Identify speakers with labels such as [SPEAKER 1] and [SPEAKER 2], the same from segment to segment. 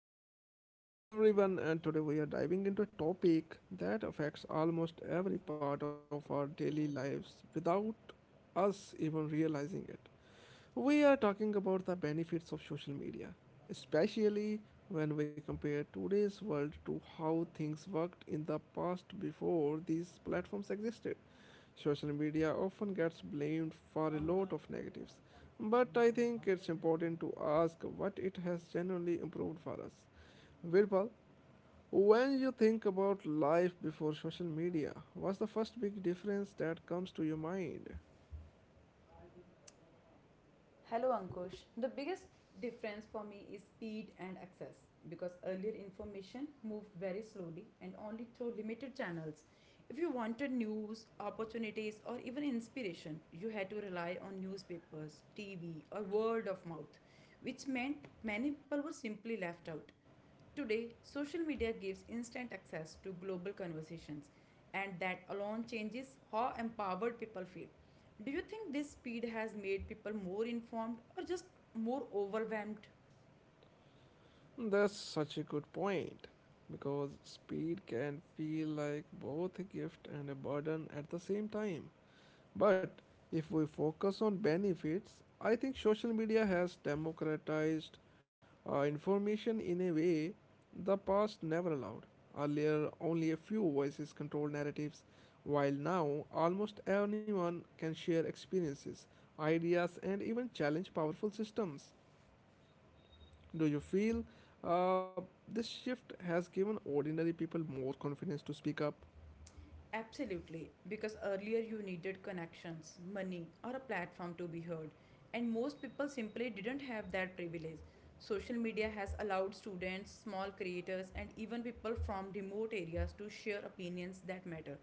[SPEAKER 1] back to the podcast, everyone. And today we are diving into a topic that affects almost every part of our daily lives without us even realizing it. We are talking about the benefits of social media, especially when we compare today's world to how things worked in the past before these platforms existed. Social media often gets blamed for a lot of negatives, but I think it's important to ask what it has genuinely improved for us. Virpal, when you think about life before social media, what's the first big difference that comes to your mind?
[SPEAKER 2] Hello Ankush. The biggest difference for me is speed and access because earlier information moved very slowly and only through limited channels. If you wanted news, opportunities, or even inspiration, you had to rely on newspapers, TV, or word of mouth, which meant many people were simply left out. Today, social media gives instant access to global conversations, and that alone changes how empowered people feel. Do you think this speed has made people more informed or just more overwhelmed?
[SPEAKER 1] That's such a good point because speed can feel like both a gift and a burden at the same time. But if we focus on benefits, I think social media has democratized information in a way the past never allowed. Earlier, only a few voices controlled narratives, while now almost anyone can share experiences, ideas, and even challenge powerful systems. Do you feel uh, this shift has given ordinary people more confidence to speak up?
[SPEAKER 2] Absolutely, because earlier you needed connections, money, or a platform to be heard, and most people simply didn't have that privilege. Social media has allowed students, small creators, and even people from remote areas to share opinions that matter.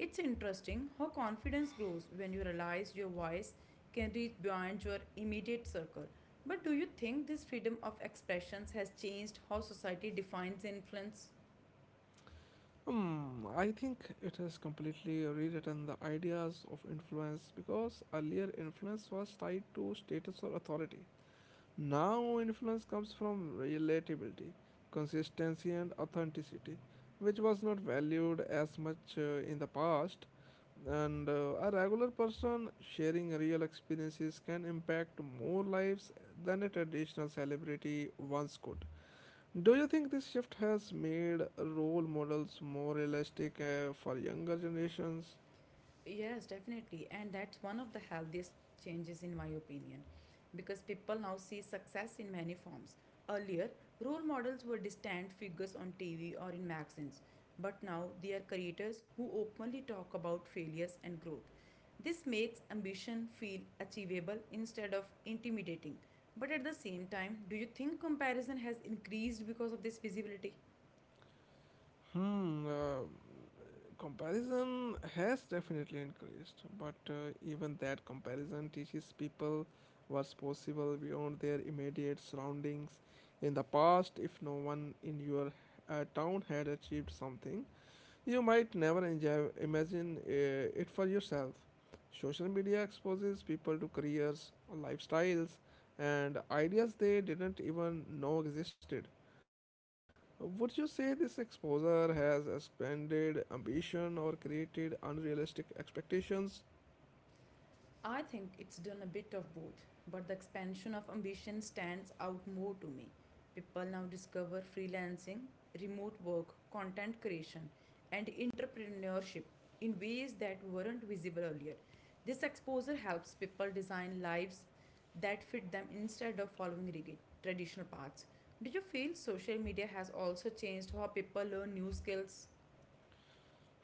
[SPEAKER 2] It's interesting how confidence grows when you realize your voice can reach beyond your immediate circle. But do you think this freedom of expressions has changed how society defines influence?
[SPEAKER 1] I think it has completely rewritten the ideas of influence because earlier influence was tied to status or authority. Now, influence comes from relatability, consistency, and authenticity, which was not valued as much in the past. And a regular person sharing real experiences can impact more lives than a traditional celebrity once could. Do you think this shift has made role models more realistic for younger generations?
[SPEAKER 2] Yes, definitely. And that's one of the healthiest changes, in my opinion, because people now see success in many forms. Earlier, role models were distant figures on TV or in magazines, but now they are creators who openly talk about failures and growth. This makes ambition feel achievable instead of intimidating. But at the same time, do you think comparison has increased because of this visibility?
[SPEAKER 1] Hmm, uh, Comparison has definitely increased, but even that comparison teaches people what's possible beyond their immediate surroundings. In the past, if no one in your town had achieved something, you might never enjoy, imagine it for yourself. Social media exposes people to careers, lifestyles, and ideas they didn't even know existed. Would you say this exposure has expanded ambition or created unrealistic expectations?
[SPEAKER 2] I think it's done a bit of both, but the expansion of ambition stands out more to me. People now discover freelancing, remote work, content creation, and entrepreneurship in ways that weren't visible earlier. This exposure helps people design lives that fit them instead of following rigid traditional paths. Do you feel social media has also changed how people learn new skills?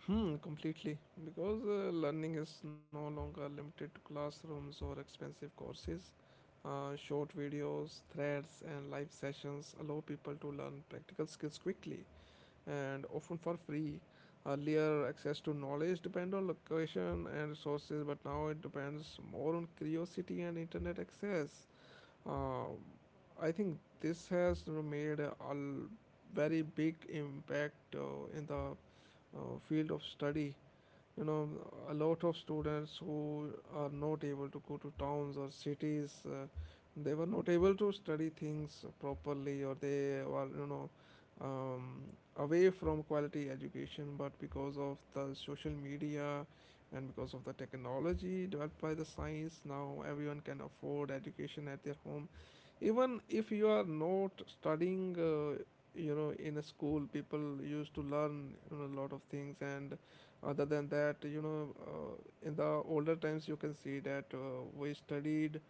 [SPEAKER 1] Completely. Because learning is no longer limited to classrooms or expensive courses. Short videos, threads, and live sessions allow people to learn practical skills quickly and often for free. Earlier, access to knowledge depend on location and resources, but now it depends more on curiosity and internet access. Uh, I think this has, you know, made a very big impact in the field of study. You know, a lot of students who are not able to go to towns or cities, they were not able to study things properly, or they were, you know, um, away from quality education. But because of the social media and because of the technology developed by the science, now everyone can afford education at their home. Even if you are not studying, you know, in a school, people used to learn, you know, a lot of things. And other than that, you know, in the older times you can see that we studied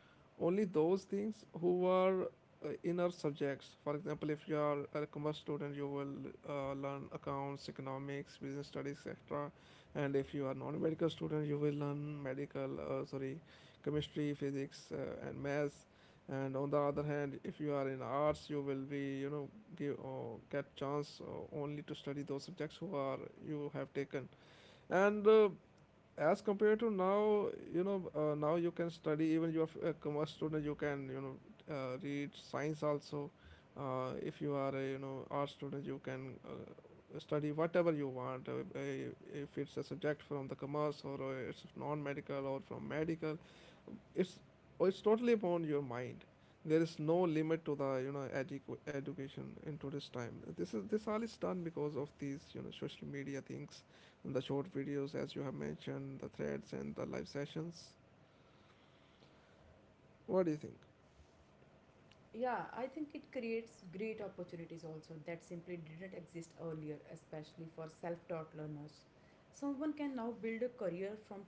[SPEAKER 1] only those things who were in our subjects. For example, if you are a commerce student, you will learn accounts, economics, business studies, etc. And if you are non-medical student, you will learn medical, sorry, chemistry, physics, and maths. And on the other hand, if you are in arts, you will be, you know, give or get chance only to study those subjects who are you have taken. And as compared to now, you know, now you can study, even you are a commerce student, you can, you know, read science also. If you are a, you know, art student, you can study whatever you want. Uh, if it's a subject from the commerce, or it's non-medical or from medical, it's, oh, it's totally upon your mind. There is no limit to the, you know, education in today's time. This all is done because of these, you know, social media things and the short videos, as you have mentioned, the threads and the live sessions. What do you think?
[SPEAKER 2] Yeah, I think it creates great opportunities also that simply didn't exist earlier, especially for self taught learners. Someone can now build a career from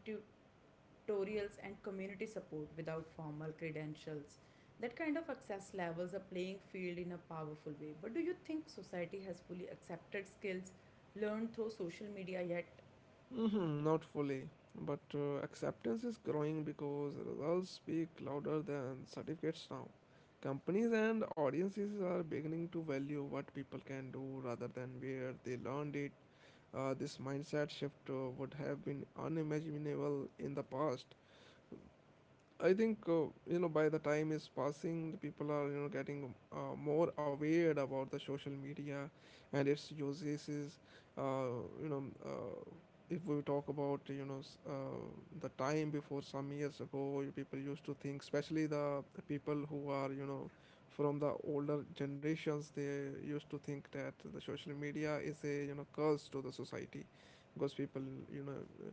[SPEAKER 2] tutorials and community support without formal credentials. That kind of access levels a playing field in a powerful way. But do you think society has fully accepted skills learned through social media yet?
[SPEAKER 1] Not fully, but acceptance is growing because results speak louder than certificates now. Companies and audiences are beginning to value what people can do rather than where they learned it. This mindset shift would have been unimaginable in the past. I think, you know, by the time is passing, the people are, you know, getting more aware about the social media and its uses. Uh, you know, uh, if we talk about, you know, the time before some years ago, you people used to think, especially the people who are, you know, from the older generations, they used to think that the social media is a, you know, curse to the society, because people, you know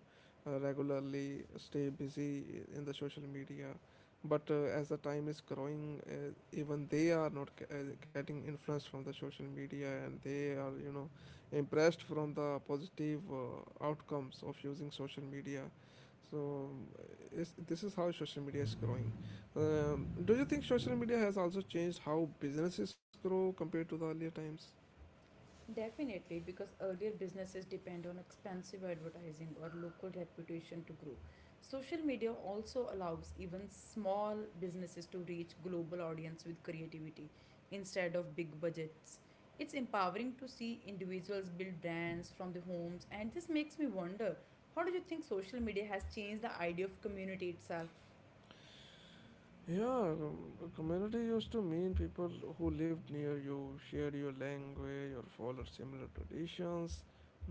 [SPEAKER 1] regularly stay busy in the social media. But as the time is growing, even they are not getting influenced from the social media, and they are, you know, impressed from the positive outcomes of using social media. So this is how social media is growing. Do you think social media has also changed how businesses grow compared to the earlier times?
[SPEAKER 2] Definitely, because earlier businesses depend on expensive advertising or local reputation to grow. Social media also allows even small businesses to reach global audience with creativity instead of big budgets. It's empowering to see individuals build brands from their homes, and this makes me wonder, how do you think social media has changed the idea of community itself?
[SPEAKER 1] Yeah, a community used to mean people who lived near you, shared your language, or followed similar traditions.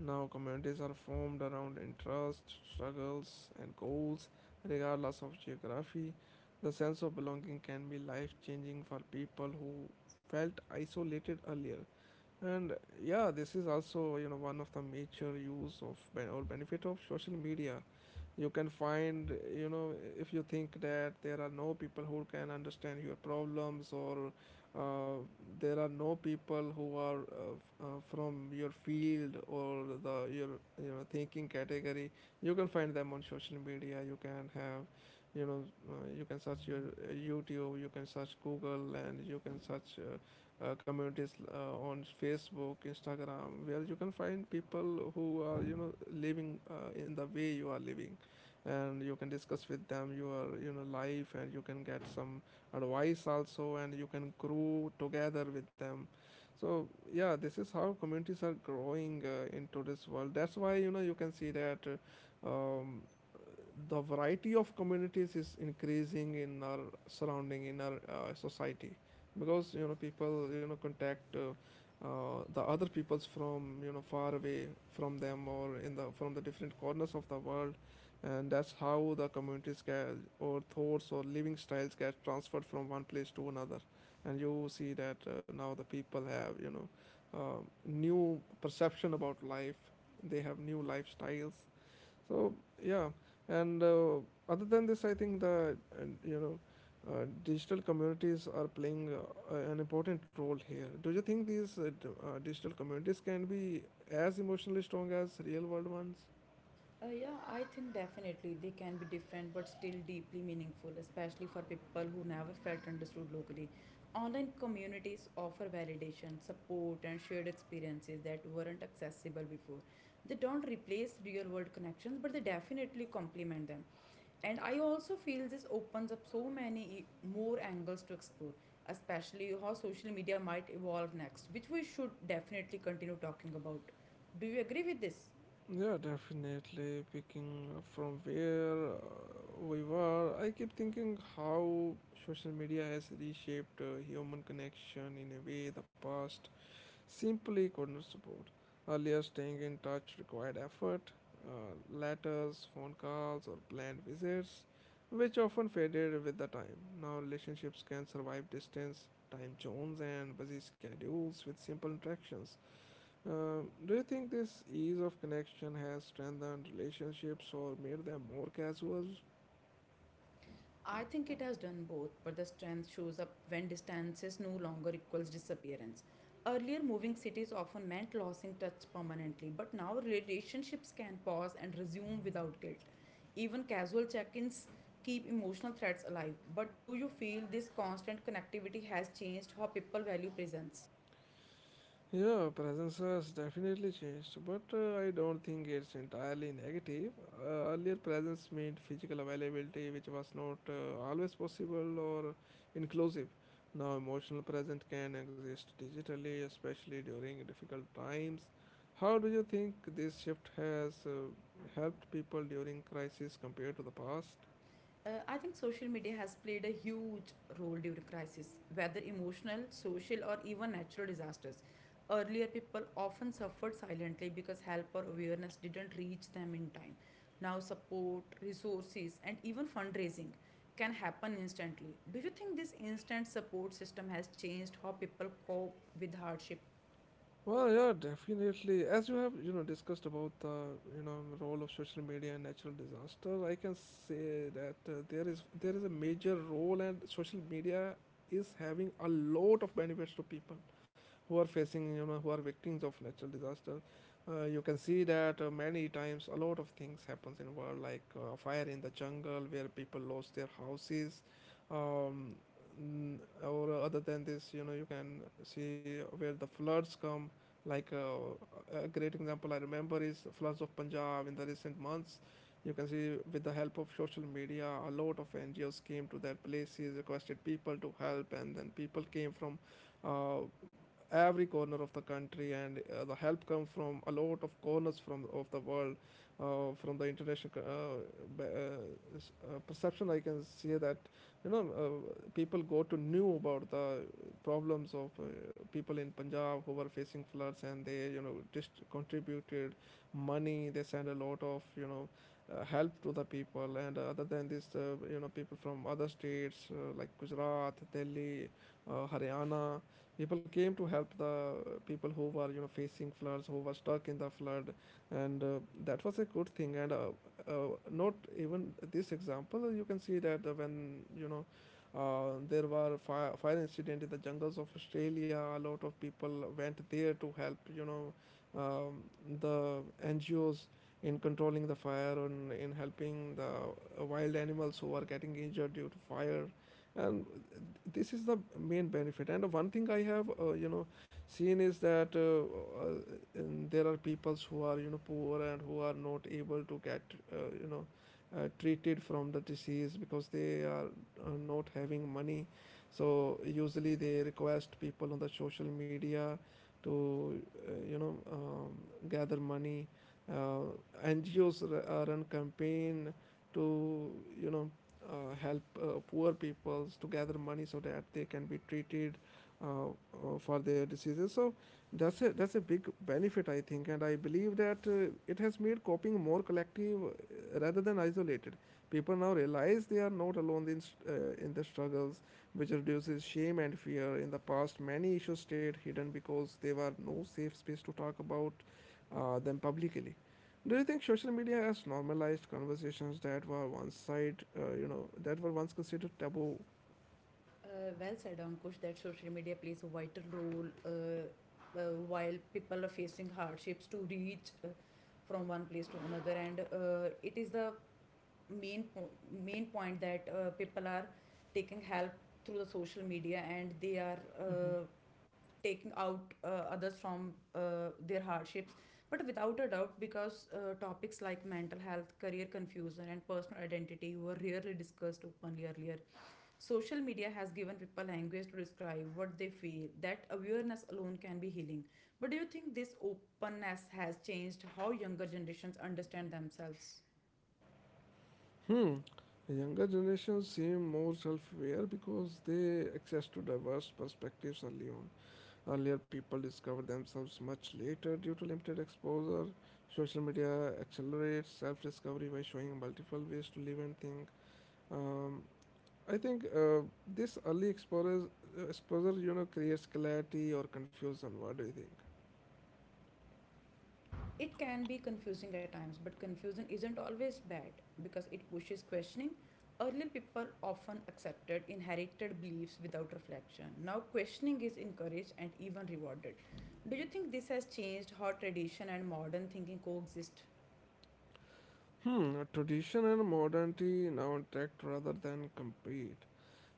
[SPEAKER 1] Now, communities are formed around interests, struggles, and goals, regardless of geography. The sense of belonging can be life changing for people who felt isolated earlier. And yeah, this is also, you know, one of the major use of ben- or benefit of social media. You can find, you know, if you think that there are no people who can understand your problems, or uh, there are no people who are, from your field, or the your, you know, thinking category, you can find them on social media. You can have, you know you can search your YouTube, you can search Google, and you can search, communities on Facebook, Instagram, where you can find people who are, you know, living in the way you are living, and you can discuss with them your, you know, life, and you can get some advice also, and you can grow together with them. So yeah, this is how communities are growing in today's world. That's why, you know, you can see that. Um, the variety of communities is increasing in our surrounding, in our society, because, you know, people, you know, contact, the other peoples from, you know, far away from them, or in the from the different corners of the world, and that's how the communities get, or thoughts or living styles get transferred from one place to another. And you see that now the people have, uh, new perception about life. They have new lifestyles. So yeah. And other than this, I think the, digital communities are playing an important role here. Do you think these digital communities can be as emotionally strong as real world ones?
[SPEAKER 2] Yeah, I think definitely they can be different but still deeply meaningful, especially for people who never felt understood locally. Online communities offer validation, support, and shared experiences that weren't accessible before. They don't replace real world connections, but they definitely complement them. And I also feel this opens up so many more angles to explore, especially how social media might evolve next, which we should definitely continue talking about. Do you agree with this?
[SPEAKER 1] Yeah, definitely. Picking up from where we were, I keep thinking how social media has reshaped human connection in a way the past simply couldn't support. Earlier, staying in touch required effort, letters, phone calls, or planned visits, which often faded with the time. Now, relationships can survive distance, time zones, and busy schedules with simple interactions. Do you think this ease of connection has strengthened relationships or made them more casual?
[SPEAKER 2] I think it has done both, but the strength shows up when distances no longer equals disappearance. Earlier, moving cities often meant losing touch permanently, but now relationships can pause and resume without guilt. Even casual check ins keep emotional threads alive. But do you feel this constant connectivity has changed how people value presence?
[SPEAKER 1] Yeah, presence has definitely changed, but I don't think it's entirely negative. Earlier, presence meant physical availability, which was not always possible or inclusive. Now, emotional presence can exist digitally, especially during difficult times. How do you think this shift has helped people during crisis compared to the past?
[SPEAKER 2] I think social media has played a huge role during crisis, whether emotional, social, or even natural disasters. Earlier, people often suffered silently because help or awareness didn't reach them in time. Now, support, resources, and even fundraising can happen instantly. Do you think this instant support system has changed how people cope with hardship?
[SPEAKER 1] Well, yeah, definitely. As you have, you know, discussed about the role of social media and natural disaster, I can say that there is a major role, and social media is having a lot of benefits to people who are facing who are victims of natural disaster. You can see that many times a lot of things happens in world, like fire in the jungle where people lost their houses. um, n- or other than this, you know, you can see where the floods come, like a great example I remember is floods of Punjab in the recent months. You can see, with the help of social media, a lot of NGOs came to that places, requested people to help, and then people came from uh, every corner of the country, and the help comes from a lot of corners from of the world. From the international perception, I can see that, you know, people go to know about the problems of people in Punjab who were facing floods, and they, you know, just contributed money. They send a lot of, you know, help to the people, and other than this, you know, people from other states, like Gujarat, Delhi, Haryana, people came to help the people who were, you know, facing floods, who were stuck in the flood. And that was a good thing. And not even this example, you can see that when, you know, there were fire incident in the jungles of Australia, a lot of people went there to help, you know, um, the NGOs, in controlling the fire and in helping the wild animals who are getting injured due to fire. And this is the main benefit. And one thing I have, you know, seen is that there are peoples who are, you know, poor and who are not able to get you know treated from the disease because they are not having money, so usually they request people on the social media to uh, you know um, gather money. uh, NGOs run campaign to, you know, help poor peoples to gather money so that they can be treated, for their diseases. So that's a big benefit, I think, and I believe that it has made coping more collective, rather than isolated. People now realize they are not alone in in the struggles, which reduces shame and fear. In the past, many issues stayed hidden because there were no safe space to talk about them publicly. Do you think social media has normalized conversations that were once side, that were once considered taboo?
[SPEAKER 2] Well said, Ankush, that social media plays a vital role while people are facing hardships to reach from one place to another, and it is the main po- main point that people are taking help through the social media and they are taking out others from their hardships. But without a doubt, because topics like mental health, career confusion, and personal identity were rarely discussed openly earlier. Social media has given people language to describe what they feel. That awareness alone can be healing. But do you think this openness has changed how younger generations understand themselves?
[SPEAKER 1] Hmm. Younger generations seem more self-aware because they access to diverse perspectives early on. Earlier, people discover themselves much later due to limited exposure. Social media accelerates self-discovery by showing multiple ways to live and think. Um, I think this early exposure, you know, creates clarity or confusion. What do you think?
[SPEAKER 2] It can be confusing at times, but confusion isn't always bad because it pushes questioning. Earlier, people often accepted inherited beliefs without reflection. Now, questioning is encouraged and even rewarded. Do you think this has changed how tradition and modern thinking coexist?
[SPEAKER 1] Hmm, tradition and modernity now interact rather than compete.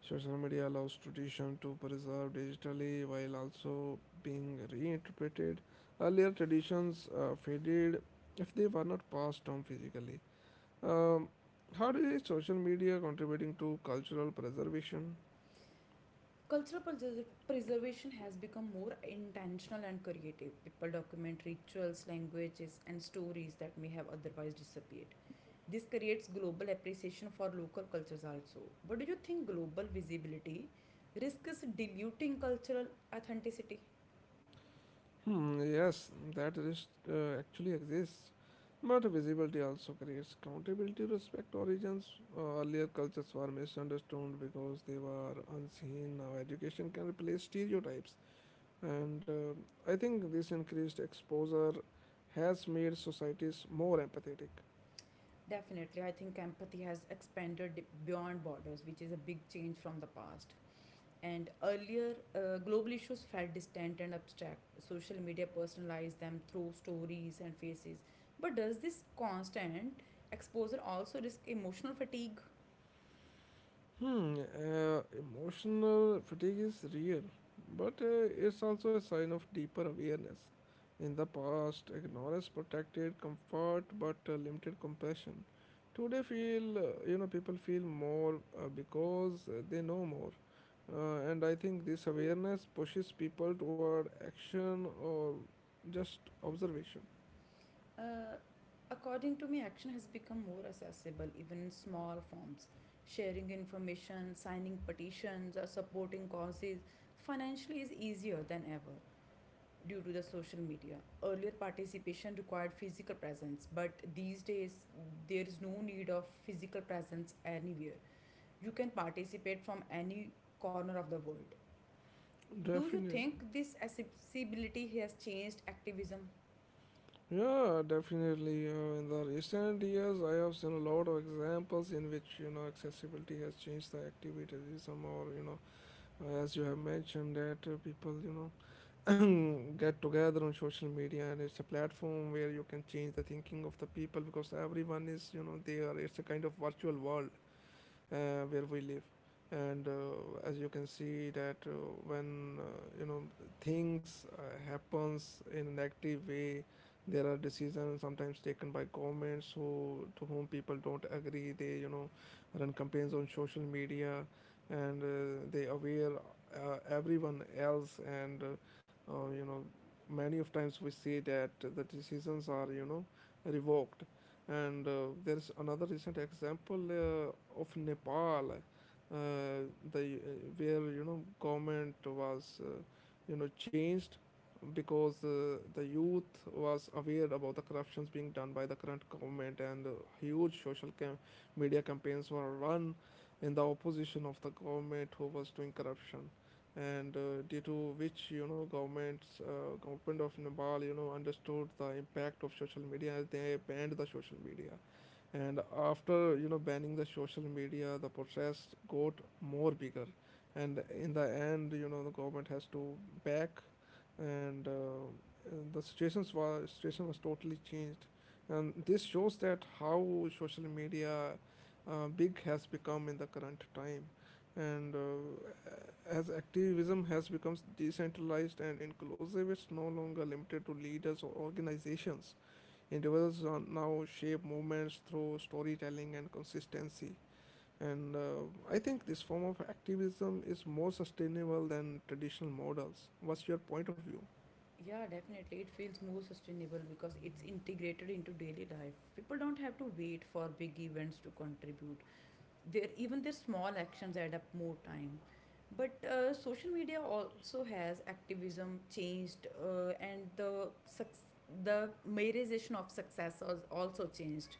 [SPEAKER 1] Social media allows tradition to preserve digitally while also being reinterpreted. Earlier traditions faded if they were not passed on physically. Um, how do you see social media contributing to cultural preservation?
[SPEAKER 2] Preservation has become more intentional and creative. People document rituals, languages, and stories that may have otherwise disappeared. This creates global appreciation for local cultures also. But do you think global visibility risks diluting cultural authenticity?
[SPEAKER 1] Hmm, yes, that risk actually exists, but visibility also creates accountability. Respect origins. Earlier cultures were misunderstood because they were unseen. Now education can replace stereotypes, and I think this increased exposure has made societies more empathetic.
[SPEAKER 2] Definitely, I think empathy has expanded beyond borders, which is a big change from the past. And earlier, global issues felt distant and abstract. Social media personalized them through stories and faces. But does this constant exposure also risk emotional fatigue?
[SPEAKER 1] Hmm, emotional fatigue is real, but it's also a sign of deeper awareness. In the past, ignorance protected comfort but limited compassion. Today, feel you know people feel more because they know more, and I think this awareness pushes people toward action or just observation.
[SPEAKER 2] Uh, According to me, action has become more accessible, even in small forms. Sharing information, signing petitions, or supporting causes financially is easier than ever due to the social media. Earlier, participation required physical presence, but these days, there is no need of physical presence anywhere. You can participate from any corner of the world. Do you
[SPEAKER 1] Definitely.
[SPEAKER 2] think this accessibility has changed activism?
[SPEAKER 1] Yeah, definitely. In the recent years, I have seen a lot of examples in which, you know, accessibility has changed the activism, or, you know, as you have mentioned, that people, you know, get together on social media, and it's a platform where you can change the thinking of the people because everyone is, you know, there. It's a kind of virtual world where we live, and as you can see that when you know things happens in an active way, there are decisions sometimes taken by governments who to whom people don't agree. They, you know, run campaigns on social media, and they aware everyone else. And you know, many of times we see that the decisions are, you know, revoked. And there's another recent example of Nepal, uh, the where, you know, government was, you know, changed because the youth was aware about the corruptions being done by the current government, and huge social media campaigns were run in the opposition of the government who was doing corruption. And due to which, you know, government of Nepal, you know, understood the impact of social media, and they banned the social media. And after, you know, banning the social media, the protest got more bigger, and in the end, you know, the government has to back. And the situation was totally changed, and this shows that how social media big has become in the current time. And as activism has become decentralized and inclusive, it's no longer limited to leaders or organizations. Individuals are now shape movements through storytelling and consistency. And I think this form of activism is more sustainable than traditional models. What's your point of view?
[SPEAKER 2] Yeah, definitely. It feels more sustainable because it's integrated into daily life. People don't have to wait for big events to contribute. Their even their small actions add up more time. But social media also has activism changed, and the the merization of success has also changed.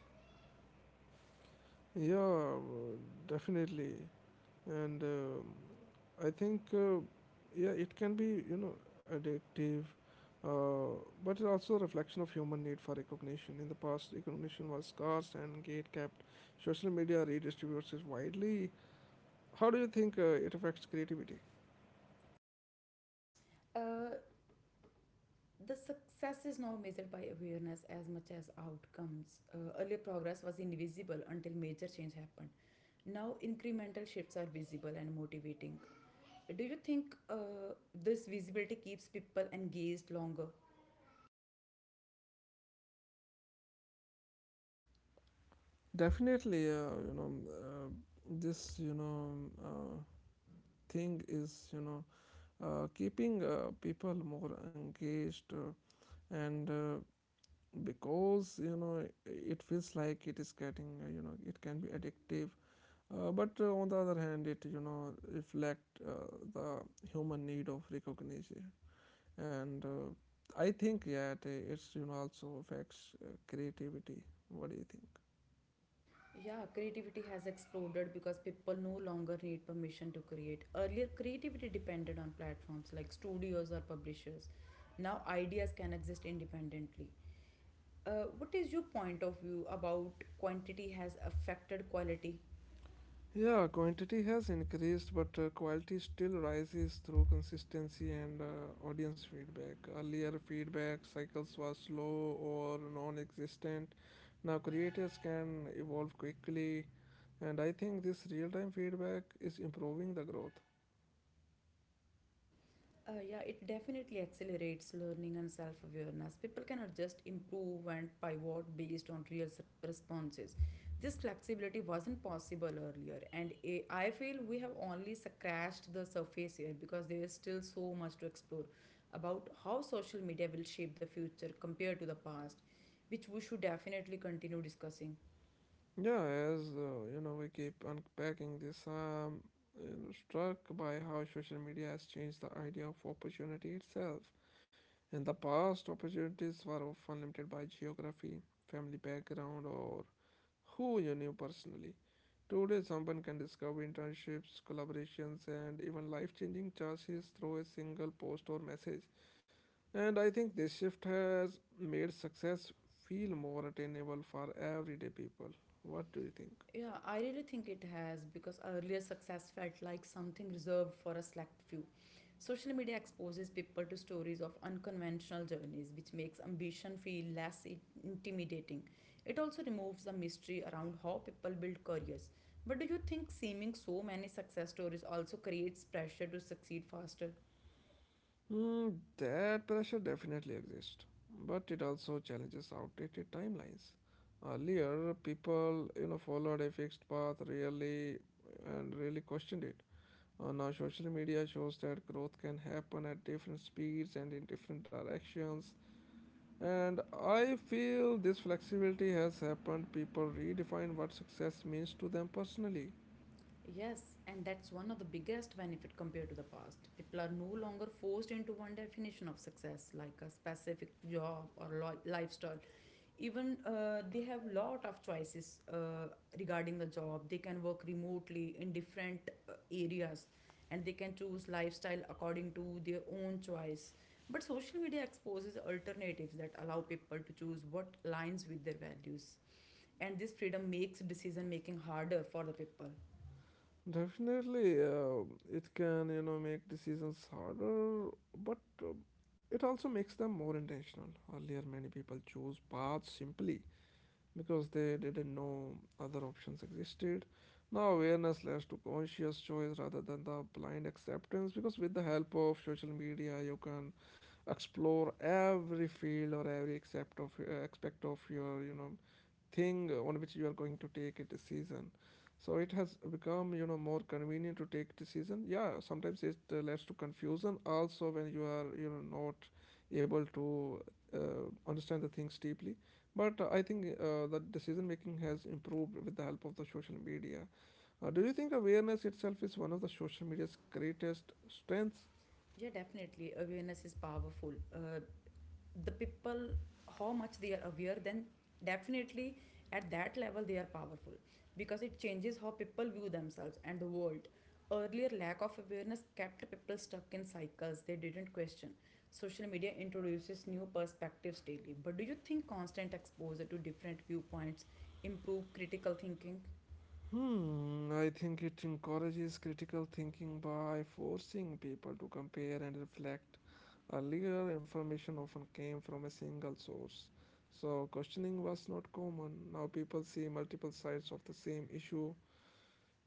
[SPEAKER 1] Yeah, definitely. And I think, yeah, it can be, you know, addictive, uh, but it's also a reflection of human need for recognition. In the past, recognition was scarce and gate kept. Social media redistributes it widely. How do you think it affects creativity?
[SPEAKER 2] Uh, the success is now measured by awareness as much as outcomes. Earlier progress was invisible until major change happened. Now incremental shifts are visible and motivating. Do you think this visibility keeps people engaged longer?
[SPEAKER 1] Definitely, this, thing is, you know, keeping people more engaged, and because, you know, it feels like it is getting, you know, it can be addictive. But on the other hand, it, you know, reflect the human need of recognition. And I think, yeah, it's, you know, also affects creativity. What do you think?
[SPEAKER 2] Yeah, creativity has exploded because people no longer need permission to create. Earlier, creativity depended on platforms like studios or publishers. Now, ideas can exist independently. What is your point of view about quantity has affected quality?
[SPEAKER 1] Yeah, quantity has increased, but quality still rises through consistency and audience feedback. Earlier, feedback cycles were slow or non existent. Now, creators can evolve quickly, and I think this real time feedback is improving the growth.
[SPEAKER 2] Yeah, it definitely accelerates learning and self awareness. People can adjust, improve, and pivot based on responses. This flexibility wasn't possible earlier, and I feel we have only scratched the surface here because there is still so much to explore about how social media will shape the future compared to the past, which we should definitely continue discussing.
[SPEAKER 1] Yeah, as you know, we keep unpacking this, I'm, you know, struck by how social media has changed the idea of opportunity itself. In the past, opportunities were often limited by geography, family background, or who you knew personally. Today, someone can discover internships, collaborations, and even life changing chances through a single post or message. And I think this shift has made success feel more attainable for everyday people. What do you think?
[SPEAKER 2] Yeah, I really think it has because earlier success felt like something reserved for a select few. Social media exposes people to stories of unconventional journeys, which makes ambition feel intimidating. It also removes the mystery around how people build careers. But do you think seeming so many success stories also creates pressure to succeed faster?
[SPEAKER 1] Hmm, that pressure definitely exists, but it also challenges outdated timelines. Earlier, people, you know, followed a fixed path really and really questioned it. Now, social media shows that growth can happen at different speeds and in different directions. And I feel this flexibility has happened. People redefine what success means to them personally.
[SPEAKER 2] Yes, and that's one of the biggest benefit compared to the past. People are no longer forced into one definition of success, like a specific job or lifestyle. Even they have lot of choices regarding the job. They can work remotely in different areas, and they can choose lifestyle according to their own choice. But social media exposes alternatives that allow people to choose what aligns with their values, and this freedom makes decision making harder for the people.
[SPEAKER 1] Definitely, it can, you know, make decisions harder, but it also makes them more intentional. Earlier, many people chose paths simply because they didn't know other options existed. Now, awareness leads to conscious choice rather than the blind acceptance. Because with the help of social media, you can explore every field or every accept of aspect of your, you know, thing on which you are going to take a decision, so it has become, you know, more convenient to take decision. Yeah, sometimes it leads to confusion also when you are, you know, not able to uh, understand the things deeply, but I think the decision making has improved with the help of the social media. Do you think awareness itself is one of the social media's greatest strengths?
[SPEAKER 2] Yeah, definitely. Awareness is powerful. The people, how much they are aware, then definitely at that level they are powerful because it changes how people view themselves and the world. Earlier, lack of awareness kept people stuck in cycles they didn't question. Social media introduces new perspectives daily. But do you think constant exposure to different viewpoints improve critical thinking?
[SPEAKER 1] Hmm, I think it encourages critical thinking by forcing people to compare and reflect. Earlier, information often came from a single source, so questioning was not common. Now, people see multiple sides of the same issue,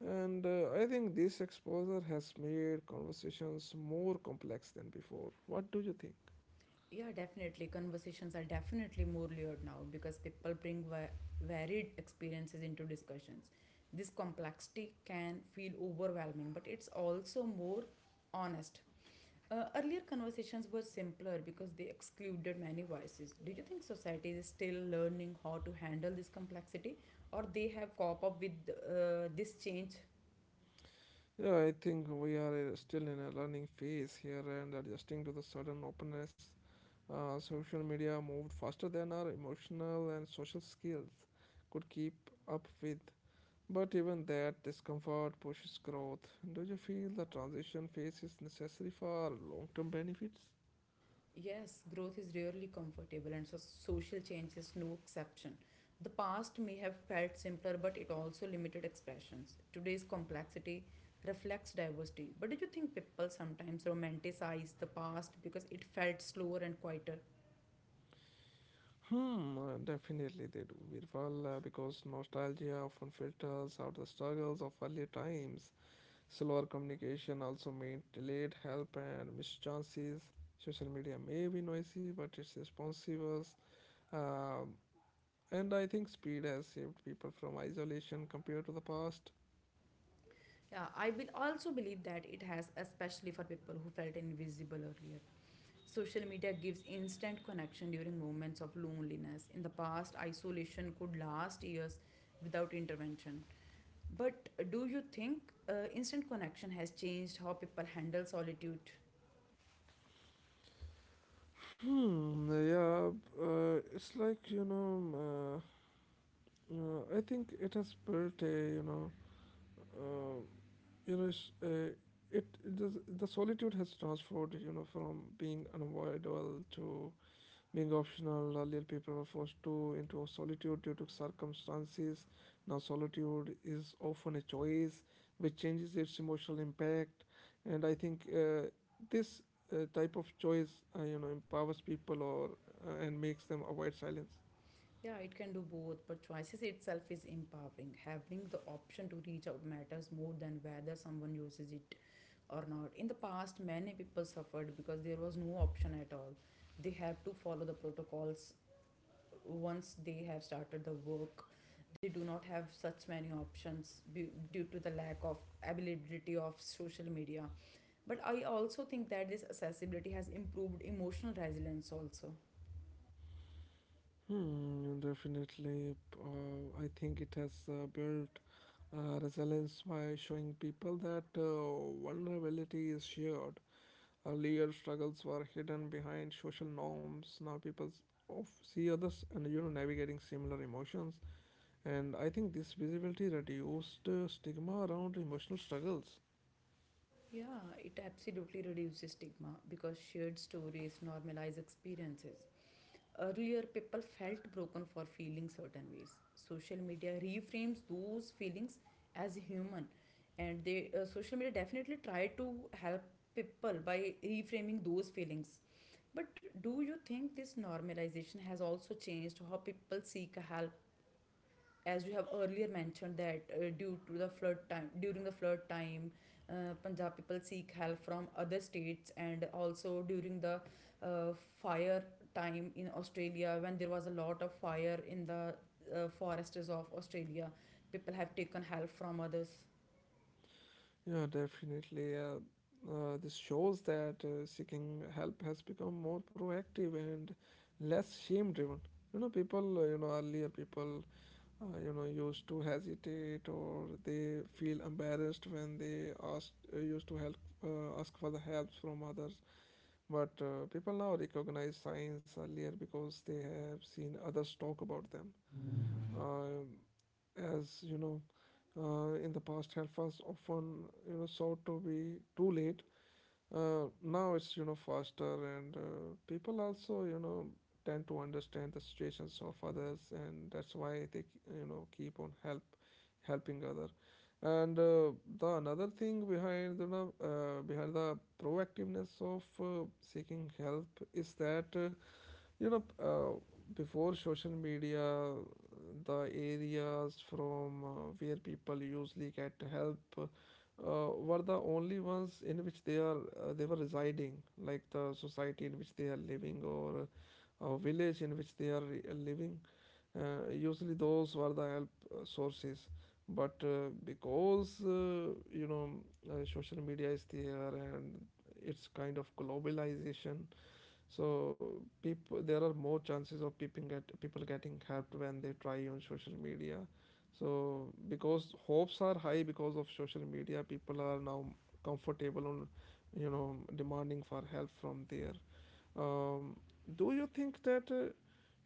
[SPEAKER 1] and I think this exposure has made conversations more complex than before. What do you think?
[SPEAKER 2] Yeah, definitely. Conversations are definitely more layered now because people bring varied experiences into discussions. This complexity can feel overwhelming, but it's also more honest. Earlier conversations were simpler because they excluded many voices. Do you think society is still learning how to handle this complexity, or they have coped up with this change?
[SPEAKER 1] Yeah, I think we are still in a learning phase here and adjusting to the sudden openness. Social media moved faster than our emotional and social skills could keep up with. But even that discomfort pushes growth. Do you feel the transition phase is necessary for long term benefits?
[SPEAKER 2] Yes, growth is rarely comfortable, and so social change is no exception. The past may have felt simpler, but it also limited expressions. Today's complexity reflects diversity. But do you think people sometimes romanticize the past because it felt slower and quieter?
[SPEAKER 1] Hmm, definitely they do, Virpal, because nostalgia often filters out the struggles of earlier times. Slower communication also meant delayed help and missed chances. Social media may be noisy, but it's responsive, uh, and I think speed has saved people from isolation compared to the past.
[SPEAKER 2] Yeah, I will also believe that it has, especially for people who felt invisible earlier. Social media gives instant connection during moments of loneliness. In the past, isolation could last years without intervention. But do you think instant connection has changed how people handle solitude?
[SPEAKER 1] Hmm, yeah, it's like, you know, I think it has built a, uh, you know, uh, it, it does, the solitude has transformed, you know, from being unavoidable to being optional. Earlier, people were forced to into solitude due to circumstances. Now solitude is often a choice, which changes its emotional impact. And I think this type of choice, you know, empowers people or and makes them avoid silence.
[SPEAKER 2] Yeah, it can do both, but choices itself is empowering. Having the option to reach out matters more than whether someone uses it or not. In the past, many people suffered because there was no option at all. They have to follow the protocols once they have started the work. They do not have such many options due to the lack of availability of social media. But I also think that this accessibility has improved emotional resilience also.
[SPEAKER 1] Hmm, definitely. I think it has built resilience by showing people that vulnerability is shared. Earlier struggles were hidden behind social norms. Now people of see others and, you know, navigating similar emotions. And I think this visibility reduced stigma around emotional struggles.
[SPEAKER 2] Yeah, it absolutely reduces stigma because shared stories normalize experiences. Earlier, people felt broken for feeling certain ways. Social media reframes those feelings as human, and they social media definitely try to help people by reframing those feelings. But do you think this normalization has also changed how people seek help, as you have earlier mentioned that due to the flood time during the flood time, Punjab people seek help from other states, and also during the uh, fire time in Australia, when there was a lot of fire in the forests of Australia, people have taken help from others?
[SPEAKER 1] Yeah, definitely. This shows that seeking help has become more proactive and less shame driven. People, earlier people used to hesitate or they feel embarrassed when they ask used to help ask for the help from others, but people now recognize signs earlier because they have seen others talk about them. Um as you know, in the past helpers often sought to be too late. Now it's faster, and people also tend to understand the situations of others, and that's why they keep on helping other. And The another thing behind the proactiveness of seeking help is that. you know, uh, before social media, the areas from where people usually get help were the only ones in which they were residing, like the society in which they are living or a village in which they are living. Usually, those were the help sources. But social media is there, and it's kind of globalization, so people there are more chances of people getting helped when they try on social media. So because hopes are high because of social media, people are now comfortable on demanding for help from there. um, do you think that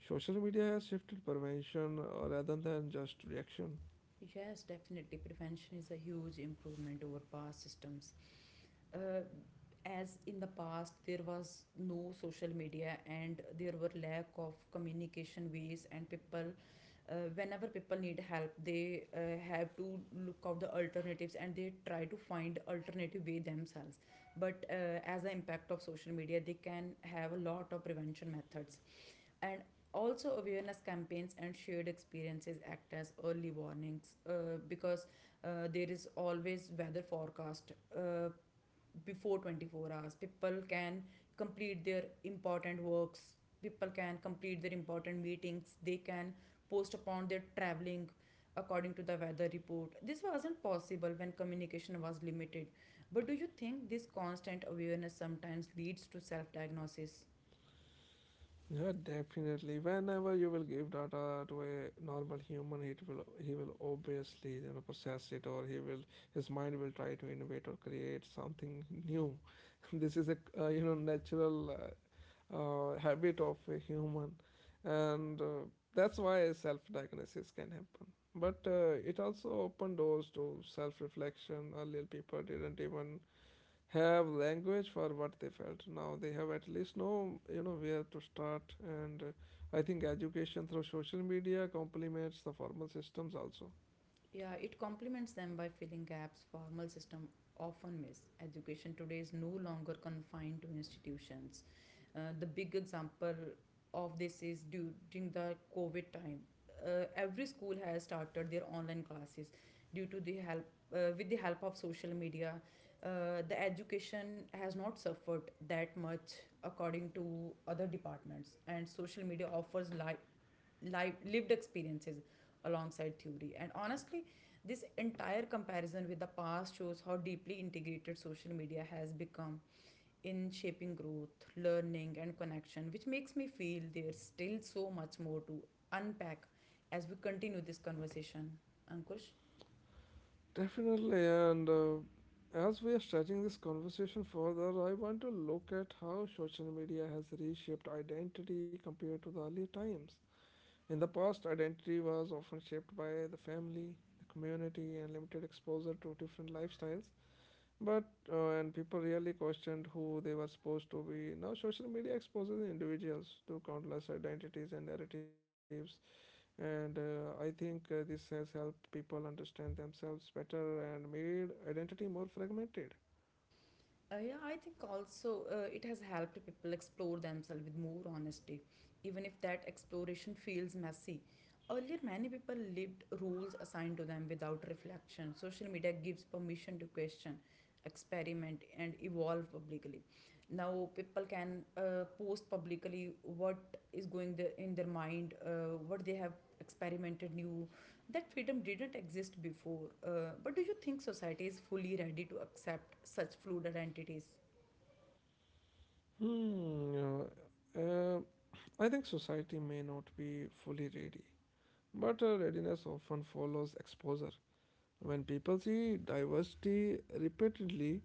[SPEAKER 1] social media has shifted prevention rather than just reaction?
[SPEAKER 2] Yes, definitely, prevention is a huge improvement over past systems. uh, as in the past, there was no social media and there were lack of communication ways, and people, whenever people need help, they have to look out the alternatives and they try to find alternative way themselves. But as the impact of social media, they can have a lot of prevention methods, and also awareness campaigns and shared experiences act as early warnings. Because there is always weather forecast. Before 24 hours, people can complete their important works, people can complete their important meetings, they can post upon their traveling according to the weather report. This wasn't possible when communication was limited. But do you think this constant awareness sometimes leads to self diagnosis?
[SPEAKER 1] Yeah, definitely. Whenever you will give data to a normal human, it will he will obviously process it, or he will his mind will try to innovate or create something new. This is a natural habit of a human, and that's why self-diagnosis can happen. But it also opened doors to self-reflection. Earlier, people didn't even have language for what they felt. Now they have at least know where to start, and I think education through social media complements the formal systems also.
[SPEAKER 2] Yeah, it complements them by filling gaps formal system often miss. Education today is no longer confined to institutions. The big example of this is during the COVID time. Every school has started their online classes due to the help, with the help of social media. The education has not suffered that much according to other departments, and social media offers live, lived experiences alongside theory. And honestly, this entire comparison with the past shows how deeply integrated social media has become in shaping growth, learning, and connection, which makes me feel there's still so much more to unpack as we continue this conversation. Ankush?
[SPEAKER 1] Definitely, and as we are stretching this conversation further, I want to look at how social media has reshaped identity compared to the earlier times. In the past, identity was often shaped by the family, the community, and limited exposure to different lifestyles. But and people really questioned who they were supposed to be. Now social media exposes individuals to countless identities and narratives, and I think this has helped people understand themselves better and made identity more fragmented.
[SPEAKER 2] Yeah, I think also it has helped people explore themselves with more honesty, even if that exploration feels messy. Earlier, many people lived rules assigned to them without reflection. Social media gives permission to question, experiment, and evolve publicly. Now, people can post publicly what is going in their mind, what they have experimented new, that freedom didn't exist before. But do you think society is fully ready to accept such fluid identities?
[SPEAKER 1] Hmm. I think society may not be fully ready, but readiness often follows exposure. When people see diversity repeatedly,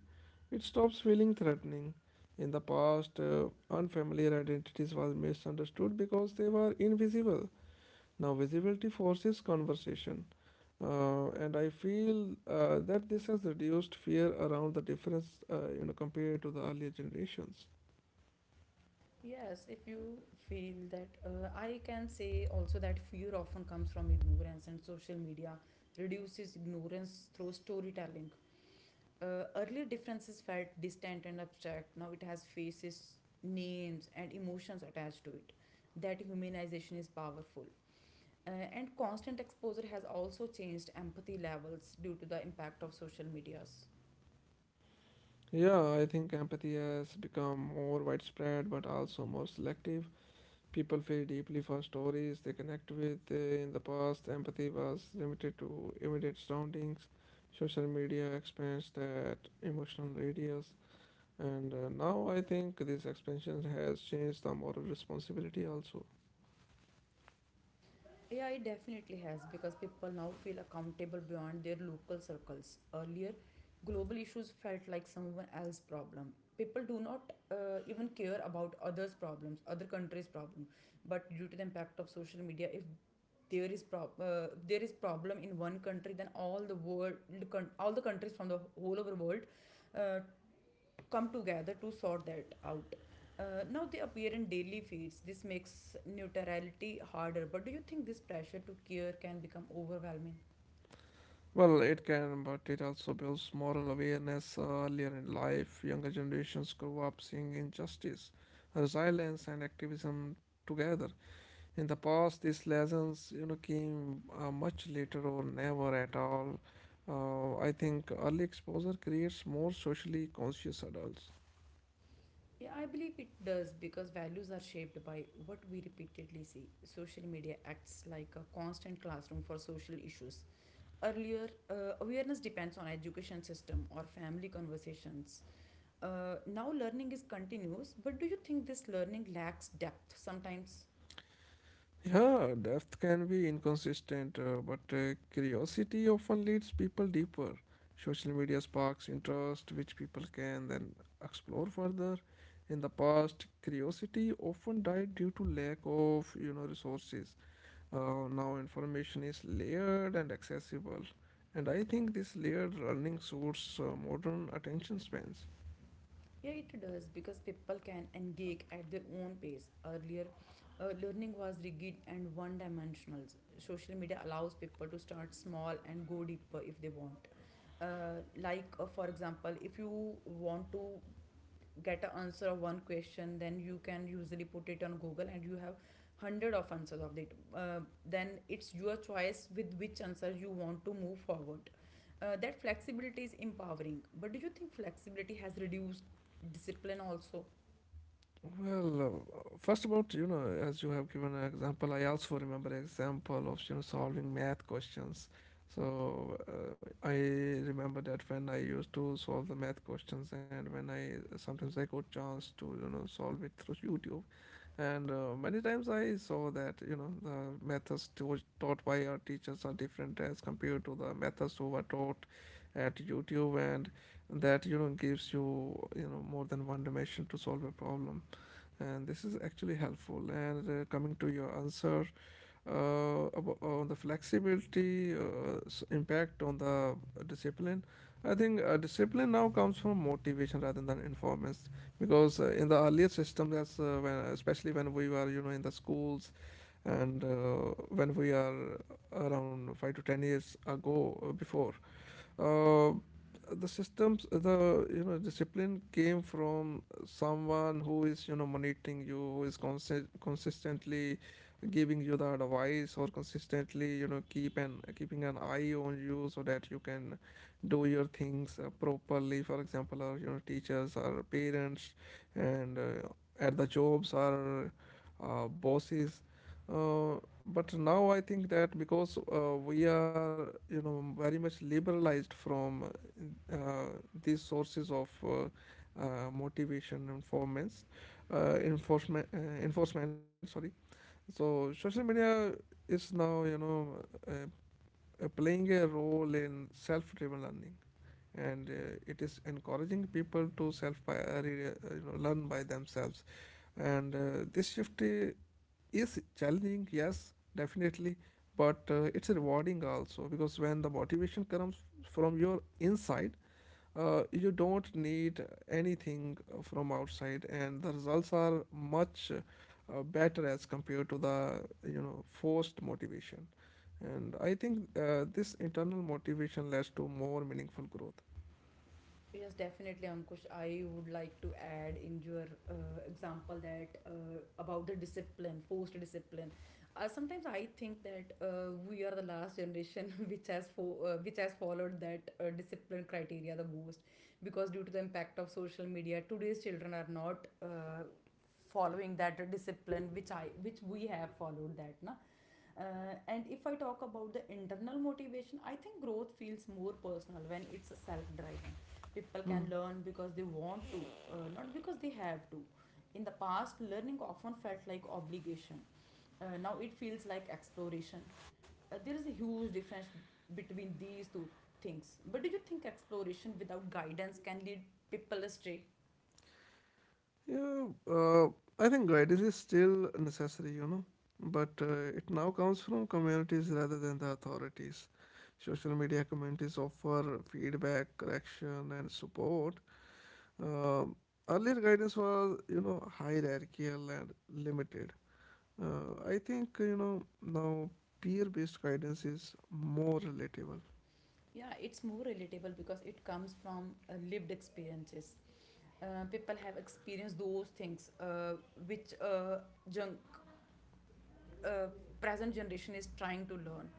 [SPEAKER 1] it stops feeling threatening. In the past, unfamiliar identities were misunderstood because they were invisible. Now, visibility forces conversation. And I feel that this has reduced fear around the difference, you know, compared to the earlier generations.
[SPEAKER 2] Yes, if you feel that, I can say also that fear often comes from ignorance, and social media reduces ignorance through storytelling. Earlier differences felt distant and abstract. Now it has faces, names, and emotions attached to it. That humanization is powerful. And constant exposure has also changed empathy levels due to the impact of social medias.
[SPEAKER 1] Yeah, I think empathy has become more widespread but also more selective. People feel deeply for stories they connect with. In the past, empathy was limited to immediate surroundings. Social media expands that emotional radius, and now I think this expansion has changed the moral responsibility also.
[SPEAKER 2] Yeah, it definitely has, because people now feel accountable beyond their local circles. Earlier, global issues felt like someone else's problem. People do not even care about others' problems, other countries' problem. But due to the impact of social media, if there is problem in one country, then all the world, all the countries from the whole over world, uh, come together to sort that out. Now they appear in daily feeds. This makes neutrality harder. But do you think this pressure to care can become overwhelming?
[SPEAKER 1] Well, it can, but it also builds moral awareness earlier in life. Younger generations grow up seeing injustice, resilience, and activism together. In the past, these lessons, you know, came much later or never at all. I think early exposure creates more socially conscious adults.
[SPEAKER 2] Yeah, I believe it does because values are shaped by what we repeatedly see. Social media acts like a constant classroom for social issues. Earlier, awareness depends on education system or family conversations. Now learning is continuous, but do you think this learning lacks depth sometimes?
[SPEAKER 1] Yeah, depth can be inconsistent, but curiosity often leads people deeper. Social media sparks interest, which people can then explore further. In the past, curiosity often died due to lack of, you know, resources. Now information is layered and accessible, and I think this layered learning suits modern attention spans.
[SPEAKER 2] Yeah, it does because people can engage at their own pace. Earlier, learning was rigid and one dimensional. Social media allows people to start small and go deeper if they want. Like, for example, if you want to get an answer of one question, then you can usually put it on Google and you have hundred of answers of it. uh, then it's your choice with which answer you want to move forward. That flexibility is empowering, but do you think flexibility has reduced discipline also?
[SPEAKER 1] Well, first about you know, as you have given an example, I also remember example of you know solving math questions. So I remember that when I used to solve the math questions, and when I sometimes I got chance to you know solve it through YouTube, and many times I saw that you know the methods to, taught by our teachers are different as compared to the methods who were taught at YouTube, and that you know gives you you know more than one dimension to solve a problem. And this is actually helpful. And coming to your answer, on the flexibility impact on the discipline, I think discipline now comes from motivation rather than informants, because in the earlier system, that's when especially when we were you know in the schools, and when we are around 5 to 10 years ago, before uh, the systems, the you know discipline came from someone who is you know monitoring you, who is consistently giving you the advice or consistently you know keeping an eye on you so that you can do your things properly, for example our you know teachers, our parents, and at the jobs our bosses. Uh, but now I think that because we are, you know, very much liberalized from uh, these sources of motivation and performance, uh, enforcement, uh, enforcement. Sorry. So social media is now, you know, uh, playing a role in self-driven learning, and it is encouraging people to self, by, you know, learn by themselves. And this shift is challenging, yes, definitely, but it's rewarding also, because when the motivation comes from your inside, you don't need anything from outside, and the results are much better as compared to the you know forced motivation. And I think this internal motivation leads to more meaningful growth.
[SPEAKER 2] Yes, definitely, Ankush. I would like to add in your example that about the discipline, forced discipline. Sometimes I think that we are the last generation which has followed that discipline criteria the most, because due to the impact of social media, today's children are not following that discipline, which we have followed that, na. And if I talk about the internal motivation, I think growth feels more personal when it's self driven. People can learn because they want to, not because they have to. In the past, learning often felt like obligation. Now it feels like exploration. There is a huge difference between these two things. But do you think exploration without guidance can lead people astray?
[SPEAKER 1] Yeah, I think guidance is still necessary, you know, but it now comes from communities rather than the authorities. Social media communities offer feedback, correction, and support. Um Earlier guidance was, you know, hierarchical and limited. I think, you know, now peer based guidance is more relatable.
[SPEAKER 2] Yeah, it's more relatable because it comes from lived experiences. Uh, people have experienced those things, which junk uh, present generation is trying to learn.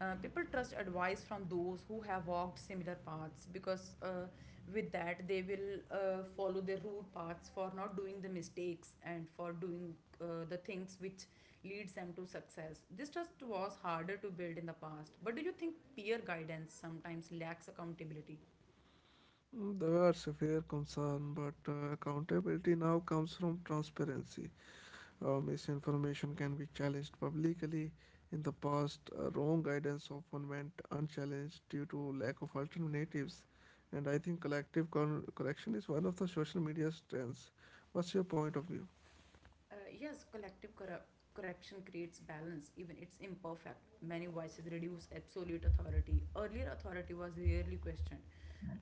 [SPEAKER 2] People trust advice from those who have walked similar paths, because with that they will follow their route paths for not doing the mistakes and for doing the things which leads them to success. This trust was harder to build in the past. But do you think peer guidance sometimes lacks accountability?
[SPEAKER 1] Mm, there are severe concern, but accountability now comes from transparency. Misinformation can be challenged publicly. In the past, wrong guidance often went unchallenged due to lack of alternatives. And I think collective correction is one of the social media strengths. What's your point of view?
[SPEAKER 2] Uh, yes, correction creates balance, even it's imperfect. Many voices reduce absolute authority. Earlier, authority was rarely questioned.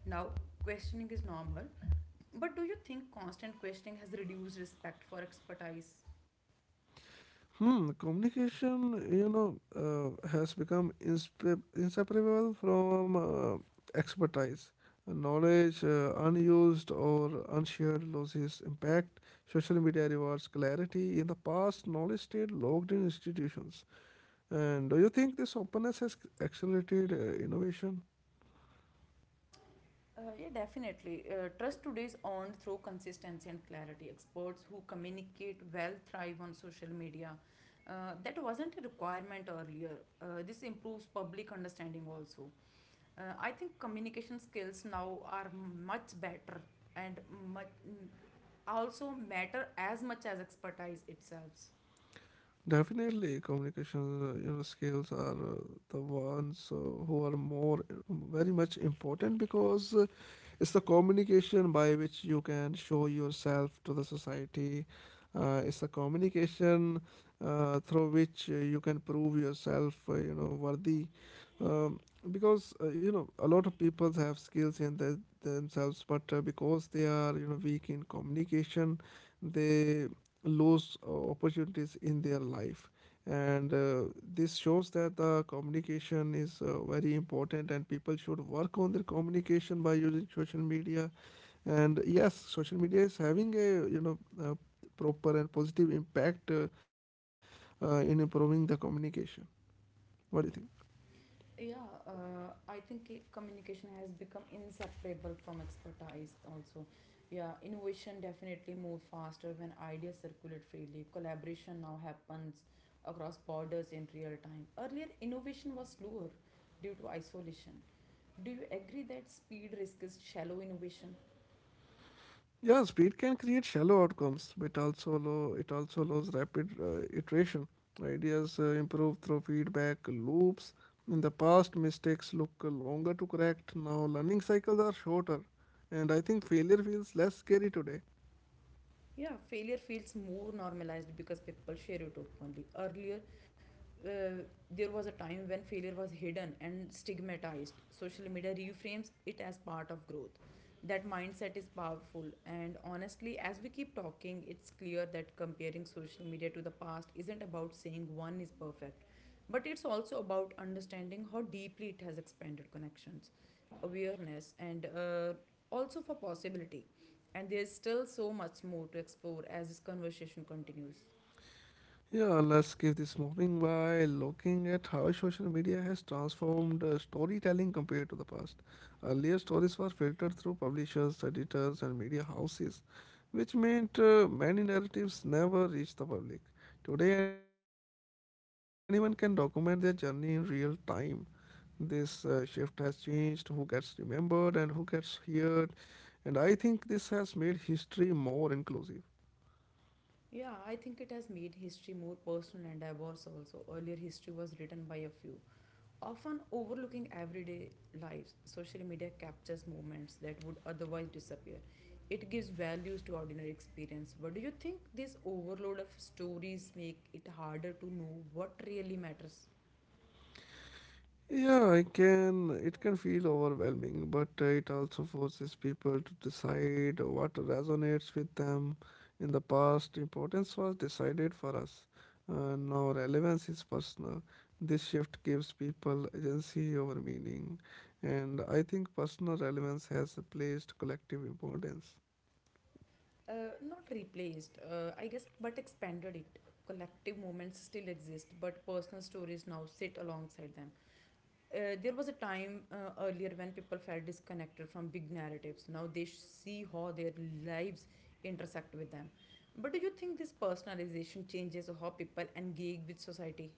[SPEAKER 2] Now, questioning is normal. But do you think constant questioning has reduced respect for expertise?
[SPEAKER 1] Hmm, communication, you know, has become inseparable from expertise. Knowledge, unused or unshared, loses impact. Social media rewards clarity. In the past, knowledge stayed locked in institutions. And do you think this openness has accelerated innovation?
[SPEAKER 2] Yeah, definitely. Trust today is earned through consistency and clarity. Experts who communicate well thrive on social media. That wasn't a requirement earlier. This improves public understanding also. I think communication skills now are much better, and much also matter as much as expertise itself.
[SPEAKER 1] Definitely, communication skills are the ones who are more very much important, because it's the communication by which you can show yourself to the society. It's the communication through which you can prove yourself, you know, worthy. Um, because you know a lot of people have skills in the, themselves, but because they are you know weak in communication, they lose opportunities in their life. And this shows that the communication is very important and people should work on their communication by using social media. And yes, social media is having a you know proper and positive impact in improving the communication. What do you think?
[SPEAKER 2] Yeah, I think communication has become inseparable from expertise also. Yeah, innovation definitely moves faster when ideas circulate freely. Collaboration now happens across borders in real time. Earlier, innovation was slower due to isolation. Do you agree that speed risks shallow innovation?
[SPEAKER 1] Yeah, speed can create shallow outcomes, but it also allows rapid iteration. Ideas improve through feedback loops. In the past, mistakes look longer to correct. Now, learning cycles are shorter, and I think failure feels less scary today.
[SPEAKER 2] Yeah, failure feels more normalized because people share it openly. Earlier, uh, there was a time when failure was hidden and stigmatized. Social media reframes it as part of growth. That mindset is powerful, and honestly, as we keep talking, it's clear that comparing social media to the past isn't about saying one is perfect, but it's also about understanding how deeply it has expanded connections, awareness, and also for possibility. And there's still so much more to explore as this conversation continues.
[SPEAKER 1] Yeah, let's give this moving by looking at how social media has transformed storytelling compared to the past. Earlier, stories were filtered through publishers, editors, and media houses, which meant many narratives never reached the public. Today, anyone can document their journey in real time. This shift has changed who gets remembered and who gets heard, and I think this has made history more inclusive.
[SPEAKER 2] Yeah, I think it has made history more personal and diverse also. Earlier, history was written by a few, often overlooking everyday lives. Social media captures moments that would otherwise disappear. It gives values to ordinary experience. But do you think this overload of stories make it harder to know what really matters?
[SPEAKER 1] Yeah, I can. It can feel overwhelming, but it also forces people to decide what resonates with them. In the past, importance was decided for us. Now, relevance is personal. This shift gives people agency over meaning, and I think personal relevance has replaced collective importance.
[SPEAKER 2] Not replaced, I guess, but expanded it. Collective moments still exist, but personal stories now sit alongside them. There was a time earlier when people felt disconnected from big narratives. Now they see how their lives intersect with them. But do you think this personalization changes how people engage with society?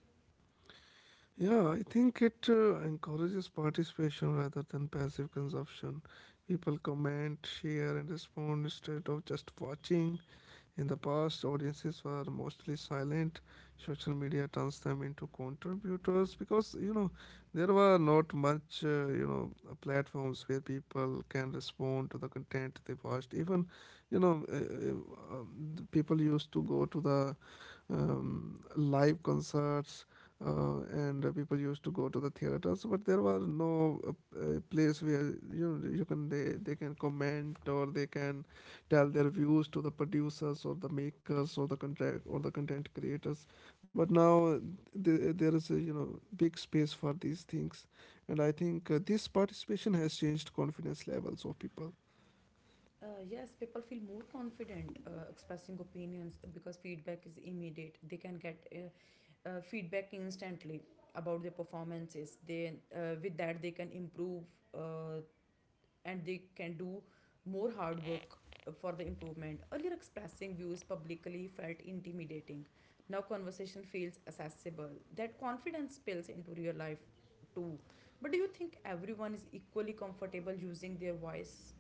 [SPEAKER 1] Yeah, I think it encourages participation rather than passive consumption. People comment, share, and respond instead of just watching. In the past, audiences were mostly silent. Social media turns them into contributors, because you know there were not much platforms where people can respond to the content they watched. Even the people used to go to the live concerts, and people used to go to the theaters. But there was no place where you can they can comment or they can tell their views to the producers or the makers or the contract or the content creators. But now there is a big space for these things, and I think this participation has changed confidence levels of people.
[SPEAKER 2] Yes, people feel more confident expressing opinions because feedback is immediate. They can get feedback instantly about their performances. They with that they can improve uh, and they can do more hard work for the improvement. Earlier, expressing views publicly felt intimidating. Now, conversation feels accessible. That confidence spills into real life too. But do you think everyone is equally comfortable using their voice?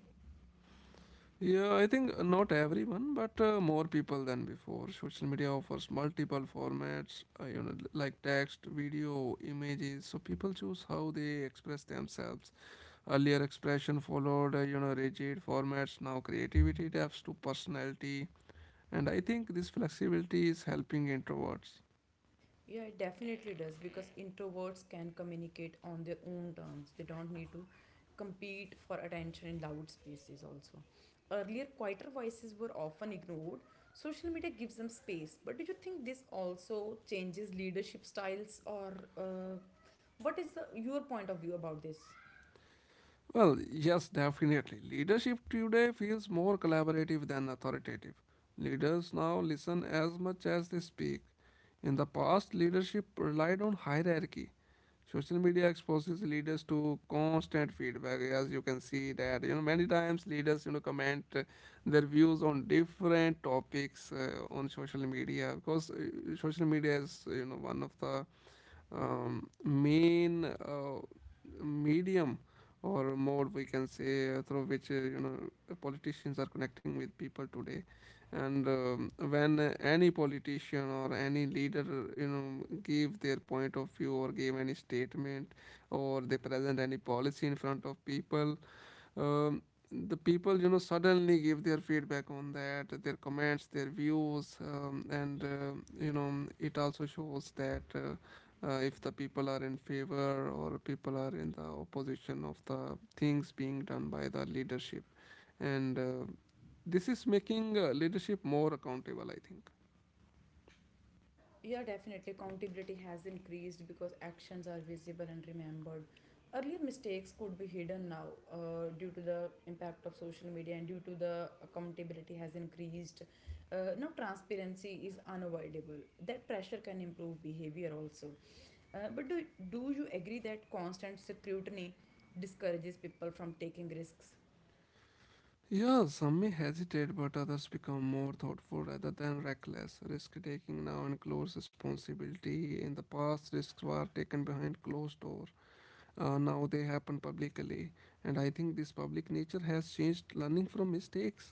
[SPEAKER 1] Yeah, I think not everyone, but more people than before. Social media offers multiple formats, like text, video, images. So people choose how they express themselves. Earlier, expression followed, rigid formats. Now, creativity adapts to personality, and I think this flexibility is helping introverts.
[SPEAKER 2] Yeah, it definitely does because introverts can communicate on their own terms. They don't need to compete for attention in loud spaces, also. Earlier, quieter voices were often ignored. Social media gives them space. But do you think this also changes leadership styles, or what is your point of view about this?
[SPEAKER 1] Well, yes, definitely. Leadership today feels more collaborative than authoritative. Leaders now listen as much as they speak. In the past, leadership relied on hierarchy. Social media exposes leaders to constant feedback, as you can see that many times leaders comment their views on different topics on social media because social media is one of the main medium or mode we can say through which politicians are connecting with people today and when any politician or any leader give their point of view or give any statement or they present any policy in front of people um, the people suddenly give their feedback on that their comments their views and it also shows that if the people are in favor or people are in the opposition of the things being done by the leadership and this is making leadership more accountable I think.
[SPEAKER 2] Yeah, definitely. Accountability has increased because actions are visible and remembered. Earlier mistakes could be hidden now, due to the impact of social media and due to the accountability has increased. Now, transparency is unavoidable. That pressure can improve behavior also. But do you agree that constant scrutiny discourages people from taking risks?
[SPEAKER 1] Yeah, some may hesitate, but others become more thoughtful rather than reckless. Risk taking now includes responsibility. In the past, risks were taken behind closed doors. Now they happen publicly. And I think this public nature has changed learning from mistakes.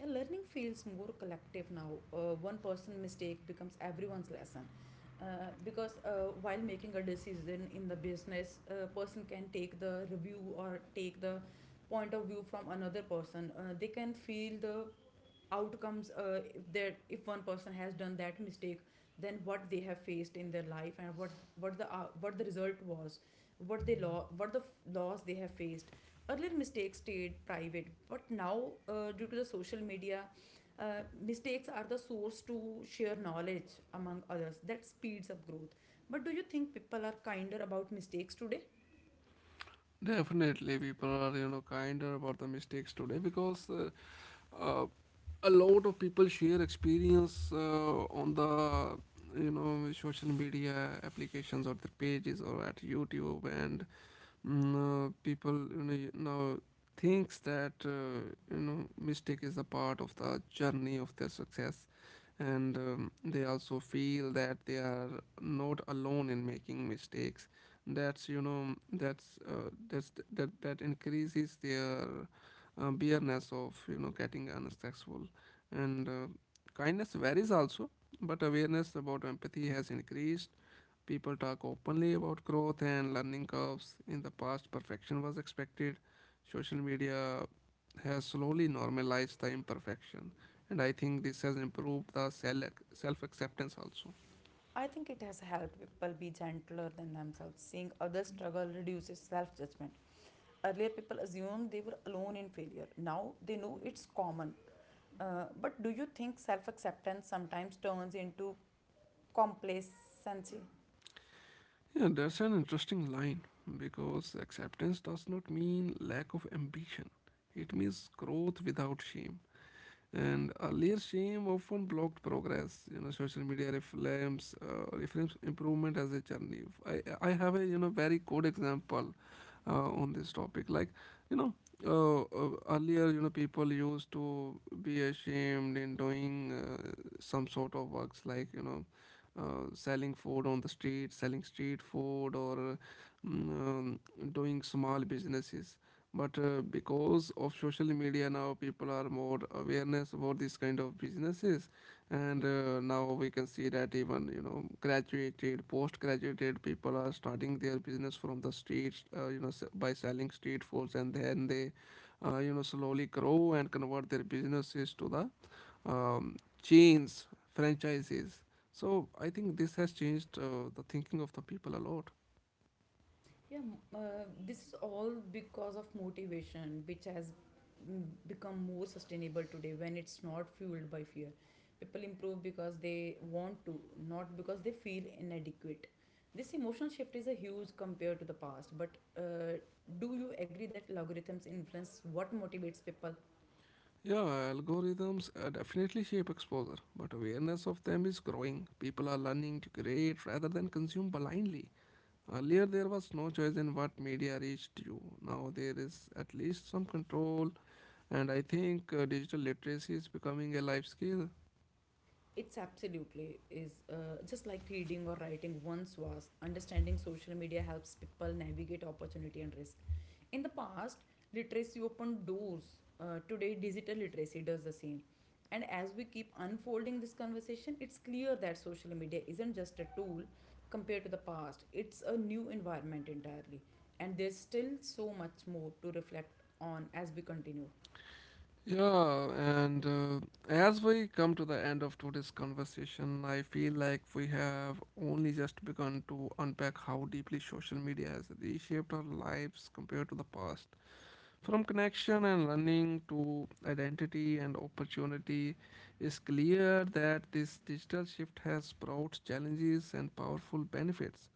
[SPEAKER 2] Yeah, learning feels more collective now. One person mistake becomes everyone's lesson. Because while making a decision in the business, a person can take the review or take the point of view from another person. They can feel the outcomes, if one person has done that mistake, then what they have faced in their life and what the result was, what they law what the f- laws they have faced. Earlier mistakes stayed private, but now due to the social media, mistakes are the source to share knowledge among others. That speeds up growth. But do you think people are kinder about mistakes today?
[SPEAKER 1] Definitely, people are kinder about the mistakes today because uh, a lot of people share experience on the social media applications or the pages or at YouTube and mm, people you now thinks that mistake is a part of the journey of their success and they also feel that they are not alone in making mistakes. That increases their bareness of getting unsuccessful and kindness varies also, but awareness about empathy has increased. People talk openly about growth and learning curves. In the past, perfection was expected. Social media has slowly normalized the imperfection, and I think this has improved the self acceptance also.
[SPEAKER 2] I think it has helped people be gentler than themselves. Seeing others struggle reduces self judgment. Earlier, people assumed they were alone in failure. Now they know it's common. But do you think self acceptance sometimes turns into complacency?
[SPEAKER 1] Yeah, that's an interesting line because acceptance does not mean lack of ambition, it means growth without shame. And earlier shame often blocked progress. You know, social media reframes improvement as a journey. I have a very good example on this topic. Like you know, earlier people used to be ashamed in doing some sort of works, like you know. Selling food on the street, selling street food, or mm, um, doing small businesses, but because of social media now people are more awareness about this kind of businesses, and now we can see that even graduated post graduated people are starting their business from the streets, by selling street foods, and then they slowly grow and convert their businesses to the um, chains, franchises. So I think this has changed the thinking of the people a lot.
[SPEAKER 2] This is all because of motivation, which has become more sustainable today when it's not fueled by fear. People improve because they want to, not because they feel inadequate. This emotional shift is a huge compared to the past. But uh, do you agree that algorithms influence what motivates people?
[SPEAKER 1] Yeah, algorithms definitely shape exposure, but awareness of them is growing. People are learning to create rather than consume blindly. Earlier, there was no choice in what media reached you. Now, there is at least some control, and I think digital literacy is becoming a life skill.
[SPEAKER 2] It's absolutely is, just like reading or writing once was. Understanding social media helps people navigate opportunity and risk. In the past, literacy opened doors. Today, digital literacy does the same. And as we keep unfolding this conversation, it's clear that social media isn't just a tool compared to the past, it's a new environment entirely. And there's still so much more to reflect on as we continue.
[SPEAKER 1] Yeah, and as we come to the end of today's conversation, I feel like we have only just begun to unpack how deeply social media has reshaped our lives compared to the past. From connection and learning to identity and opportunity, is clear that this digital shift has brought challenges and powerful benefits.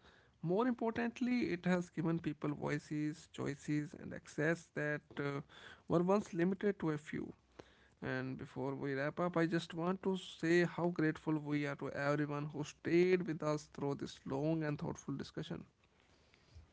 [SPEAKER 1] More importantly, it has given people voices, choices, and access that were once limited to a few. And before we wrap up, I just want to say how grateful we are to everyone who stayed with us through this long and thoughtful discussion.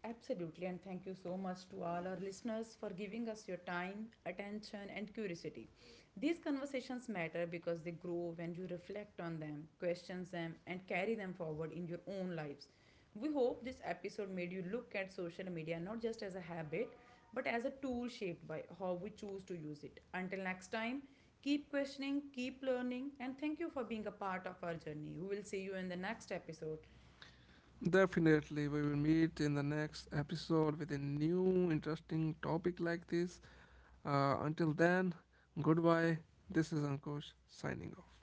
[SPEAKER 2] Absolutely, and thank you so much to all our listeners for giving us your time, attention, and curiosity. These conversations matter because they grow when you reflect on them, question them, and carry them forward in your own lives. We hope this episode made you look at social media not just as a habit, but as a tool shaped by how we choose to use it. Until next time, keep questioning, keep learning, and thank you for being a part of our journey. We will see you in the next episode.
[SPEAKER 1] Definitely, we will meet in the next episode with a new interesting topic like this. Until then, goodbye. This is Ankush signing off.